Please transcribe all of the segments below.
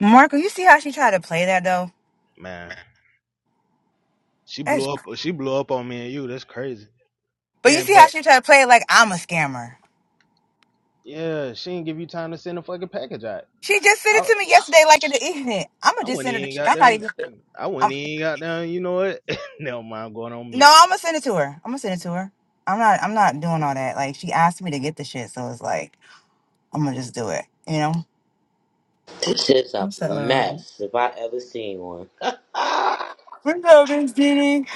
Marco, you see how she tried to play that though? Man, she That's blew up. She blew up on me and you. That's crazy. but you And see how but she tried to play it like I'm a scammer. yeah, she didn't give you time to send a fucking package out. She just sent I it to me yesterday, like in the evening. I'ma I just wouldn't send her the even shit. got I'm not them. even I wouldn't I'm even got them. You know what? Never mind. Going on me. no, I'm gonna send it to her. I'm gonna send it to her. I'm not I'm not doing all that. Like she asked me to get the shit, so it's like I'm gonna just do it, you know? This is a I'm settling around. mess if I ever seen one. well, What's up, Miss Diddy?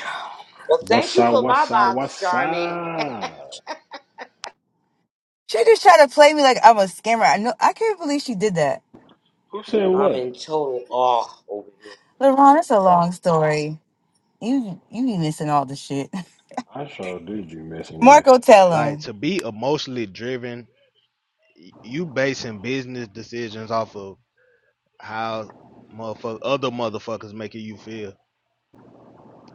thank What's you up? for my What's up? box, What's Charmy. up? She just tried to play me like I'm a scammer. I know I can't believe she did that. Who said I'm in what? total awe over here. LeBron, it's a long story. You you be missing all the shit. I sure do be missing this. Marco, tell Like him. to be emotionally driven, you basing business decisions off of how motherfuck other motherfuckers making you feel.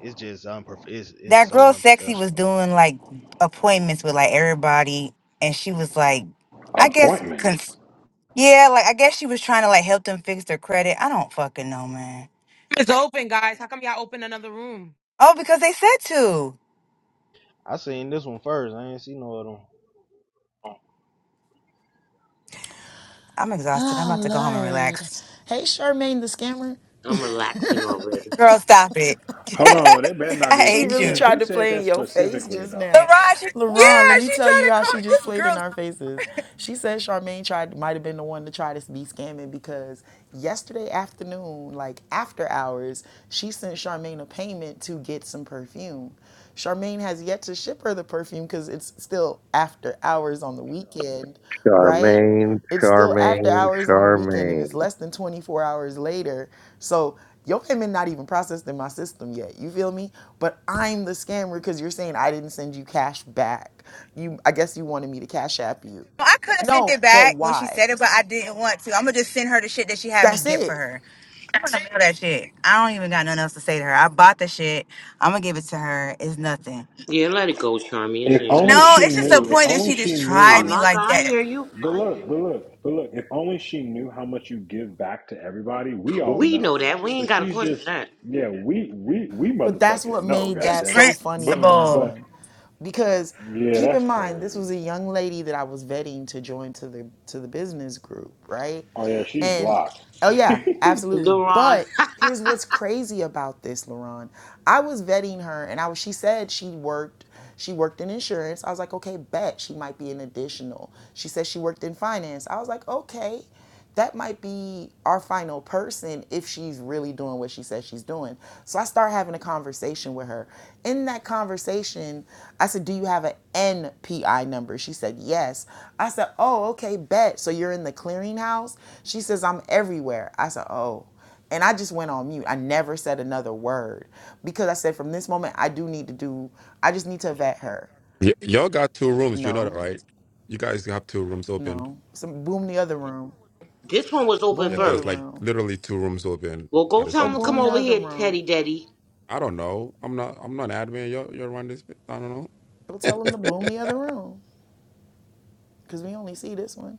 It's just unprof. It's it's that so girl sexy was unprofessional. Bro. doing like appointments with like everybody and she was like i guess cons- Appointments. yeah like i guess she was trying to like help them fix their credit i don't fucking know man It's open, guys. How come y'all open another room? oh because they said to I seen this one first. I ain't seen no other one. i'm exhausted i'm Oh about to go home and Lord. relax Hey Charmaine the scammer. I'm relaxing already. girl stop it Hold on, they better not i be. She Who hate really said? you tried Who to said play in that your face specifically just though? now. Laraj, LaRon, let yeah, me she tell tried you to how call she just this played in girl. our faces. She said Charmaine tried might have been the one to try to be scamming because yesterday afternoon, like after hours, she sent Charmaine a payment to get some perfume. Charmaine has yet to ship her the perfume because it's still after hours on the weekend, right? Charmaine, it's still after Charmaine, hours on a weekend and Charmaine. it's less than 24 hours later so your payment not even processed in my system yet you feel me but i'm the scammer because you're saying i didn't send you cash back you i guess you wanted me to cash app you I could have sent no it but back when she why said it, but I didn't want to. I'm gonna just send her the shit that she had me that's get for it her. I don't know that shit. I don't even got nothing else to say to her. I bought the shit. I'm gonna give it to her. It's nothing. Yeah, let it go, Charmy. It's If ain't, it ain't only no No, she big it's just the knew. deal. If point that only she she just i Oh, tried knew. me no, like I that. hear you. But I look, hear you. but look, but look. If only she knew how much you give back to everybody. We all We know know, that. We ain't but got to she's question just that. yeah. We we we But that's motherfucking what know. made It's God that it. so funny, But principle. but LaRon. Because yeah, keep that's in mind, this crazy. was a young lady that I was vetting to join to the to the business group, right? Oh yeah, she's And blocked. oh yeah, absolutely. LeRon, But here's what's crazy about this, LaRon. I was vetting her and I was she said she worked she worked in insurance. I was like, okay, bet she might be an additional. She said she worked in finance. I was like, okay that might be our final person if she's really doing what she says she's doing. So I start having a conversation with her. In that conversation, I said, Do you have an NPI number? She said, Yes. I said, Oh, okay, bet. So you're in the clearinghouse? She says, I'm everywhere. I said, Oh. And I just went on mute. I never said another word because I said, From this moment, I do need to do, I just need to vet her. Y- y'all got two rooms. You know that, No, right? You guys have two rooms open. no. Some boom the other room. this one was open Boom Yeah, the other there's first. like room. literally two rooms open Well, at go the tell Go him same to come boom time. the over other here, room. Teddy Daddy. I don't know. I'm not. I'm not an admin. You you run this. bit. I don't Go tell them to know. boom the other room. because we only see this one.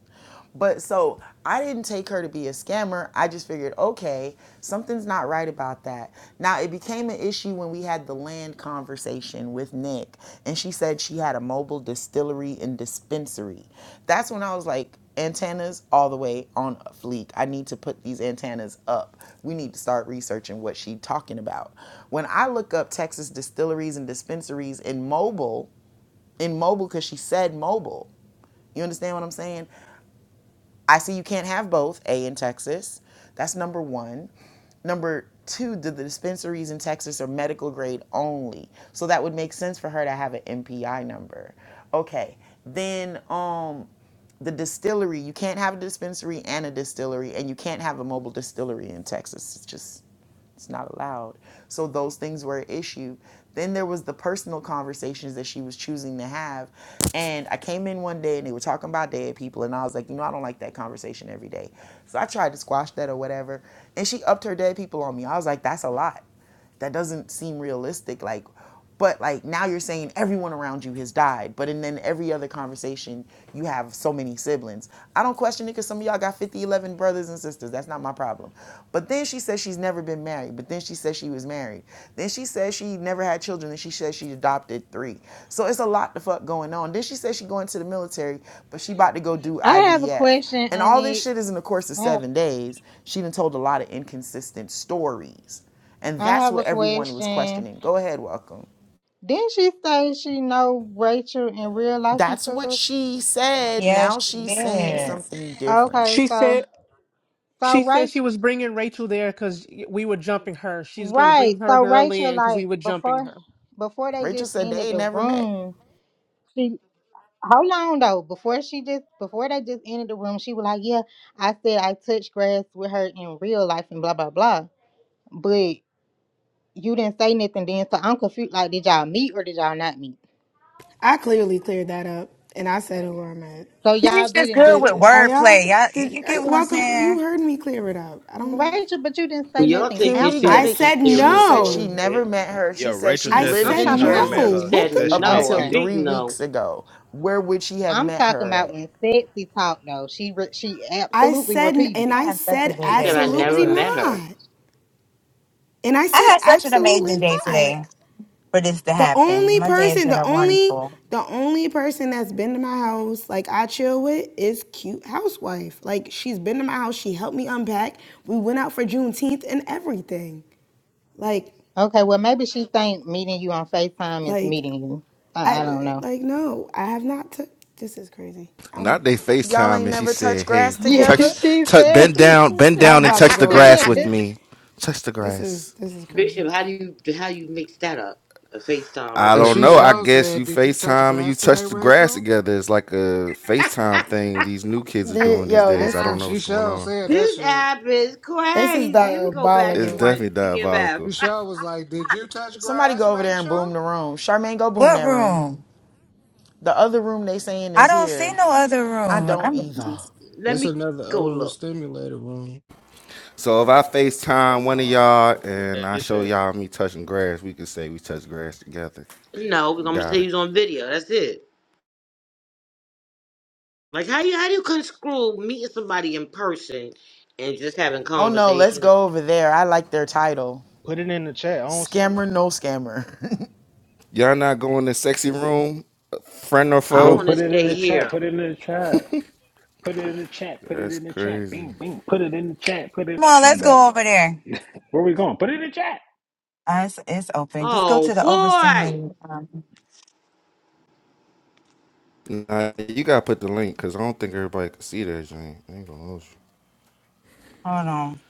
But so I didn't take her to be a scammer. I just figured, okay, something's not right about that. Now it became an issue when we had the land conversation with Nick, and she said she had a mobile distillery and dispensary. That's when I was like, antennas all the way on fleek. I need to put these antennas up. We need to start researching what she's talking about. When I look up Texas distilleries and dispensaries in mobile, in mobile because she said mobile. You understand what I'm saying? I see you can't have both, A, in Texas. That's number one. Number two, the, the dispensaries in Texas are medical grade only. So that would make sense for her to have an MPI number. Okay. Then um, the distillery, you can't have a dispensary and a distillery, and you can't have a mobile distillery in Texas. It's just it's not allowed. So those things were an issue. Then there was the personal conversations that she was choosing to have. And I came in one day and they were talking about dead people and I was like, you know, I don't like that conversation every day. So I tried to squash that or whatever. And she upped her dead people on me. I was like, that's a lot that doesn't seem realistic like but like now you're saying everyone around you has died but and then every other conversation you have so many siblings i don't question it because some of y'all got 50, 11 brothers and sisters that's not my problem but then she says she's never been married but then she says she was married then she says she never had children and she says she adopted three so it's a lot the fuck going on then she says she going to the military but she about to go do I have a ivf question, and all this Anik. shit is in the course of I have, seven days. She done told a lot of inconsistent stories. And I that's have a what everyone was question. questioning. Go ahead, welcome. Didn't she say she know Rachel in real life and That's what stuff? she said. Yeah, Now she she's saying did. something different. Okay, She so said she so said she Rachel, was bringing Rachel there because we were jumping her. She's gonna right? bring her So girl Rachel, in because we like were jumping before, her. before they Rachel just said ended they the never met. room, she hold on though. Before she just before they just ended the room, she was like, "Yeah, I said I touched grass with her in real life and blah blah blah." But you didn't say nothing then, so I'm confused. Like, did y'all meet or did y'all not meet? I clearly cleared that up, and I said who I'm at. So y'all She's just didn't good meet. with Did are wordplay. y'all? Y'all, Did you I, get what I'm welcome? You saying? heard me clear it up. I don't know. Rachel, but you didn't say Y'all nothing think Can these we get I people after. a too said she serious said over she no. here? never met her. Yeah, She said Rachel she I just lived I'm said said she in talking never about no. when. met He Jersey her. She What said the? said she up met no, a until Q Okay, big three weeks no. ago. Where would she have I'm met talking her about at? when sexy talked. though. she re- she I absolutely said repeated and it. I I had such a said She good said day I today absolutely never too. met her. not. And I I said had such an amazing absolutely day not. today for this to The happen. only My day has person, been the a only, wonderful. the only person that's been to my house, like I chill with, is cute housewife. Like she's been to my house. She helped me unpack. We went out for Juneteenth and everything. Like Okay, well maybe she think meeting you on Facetime is meeting Like you. I, I don't I know. like no, I have not took this is crazy. Not I'm they Y'all FaceTime ain't and she never touched said, grass "Hey, Yeah, touch, together? she touch, said. bend down, bend y'all down and about to touch the go grass with make me. Touch the this is grass." this is crazy. Bishop, how do you how you mix that up? A FaceTime I and And real don't she know. I person. sure guess you said, Did you touch FaceTime and you grass today, touch the grass Rachel? together. It's like a FaceTime thing these new kids are The, doing these yo, days. this I don't Ah, know is She what's going sure on. said that this shit. app is this is crazy. Let me go back It's to diabolical. watch definitely BMF. She diabolical. sure was like, Did you touch Somebody grass, go over there and Rachel? boom the room. Charmaine, go boom What that room. room? The other room they saying I is don't see here. no other I room. don't I'm, come either. Let It's me another go look. overstimulated room. So if I FaceTime one of Uh, y'all where that and I bitch show at? y'all me touching grass, we can say we touch grass together. No, because I'm gonna Got say it. he's on video. That's it. Like how you how do you unscrew meeting somebody in person and just having Oh no, let's conversation? go over there. I like their title. Put it in the chat. I don't see it. Scammer, no scammer. Y'all not going to sexy room, friend or I Yo, foe? want to put it in stay the chat. here. Put it in the chat. Put it in the chat. Put it That's in the chat. crazy. Bing, bing. Put it in the chat. Put it. on, My let's bad. go over there. Where we going? Put it in the chat. Uh, it's, it's open. Just go Oh to the boy! overstimulated. Um, Nah, you gotta put the link because I don't think everybody can see that joint. I ain't gonna hold you. hold on.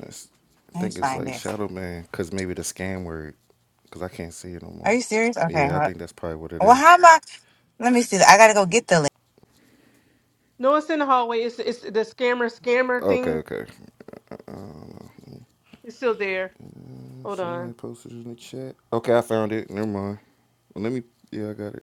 That's- I Let me think it's find like it. Shadow Man because maybe the scam word because I can't see it no Are more. you serious? Okay. Yeah, I hold- think that's probably what it Well, is. how am I? Let me see. I gotta go get the No, it's in the hallway. It's it's the scammer scammer Okay, thing. okay. Um, It's still there. Hold on. somebody posted it in the chat. Okay, I found it. Never mind. Well, let me. Yeah, I got it.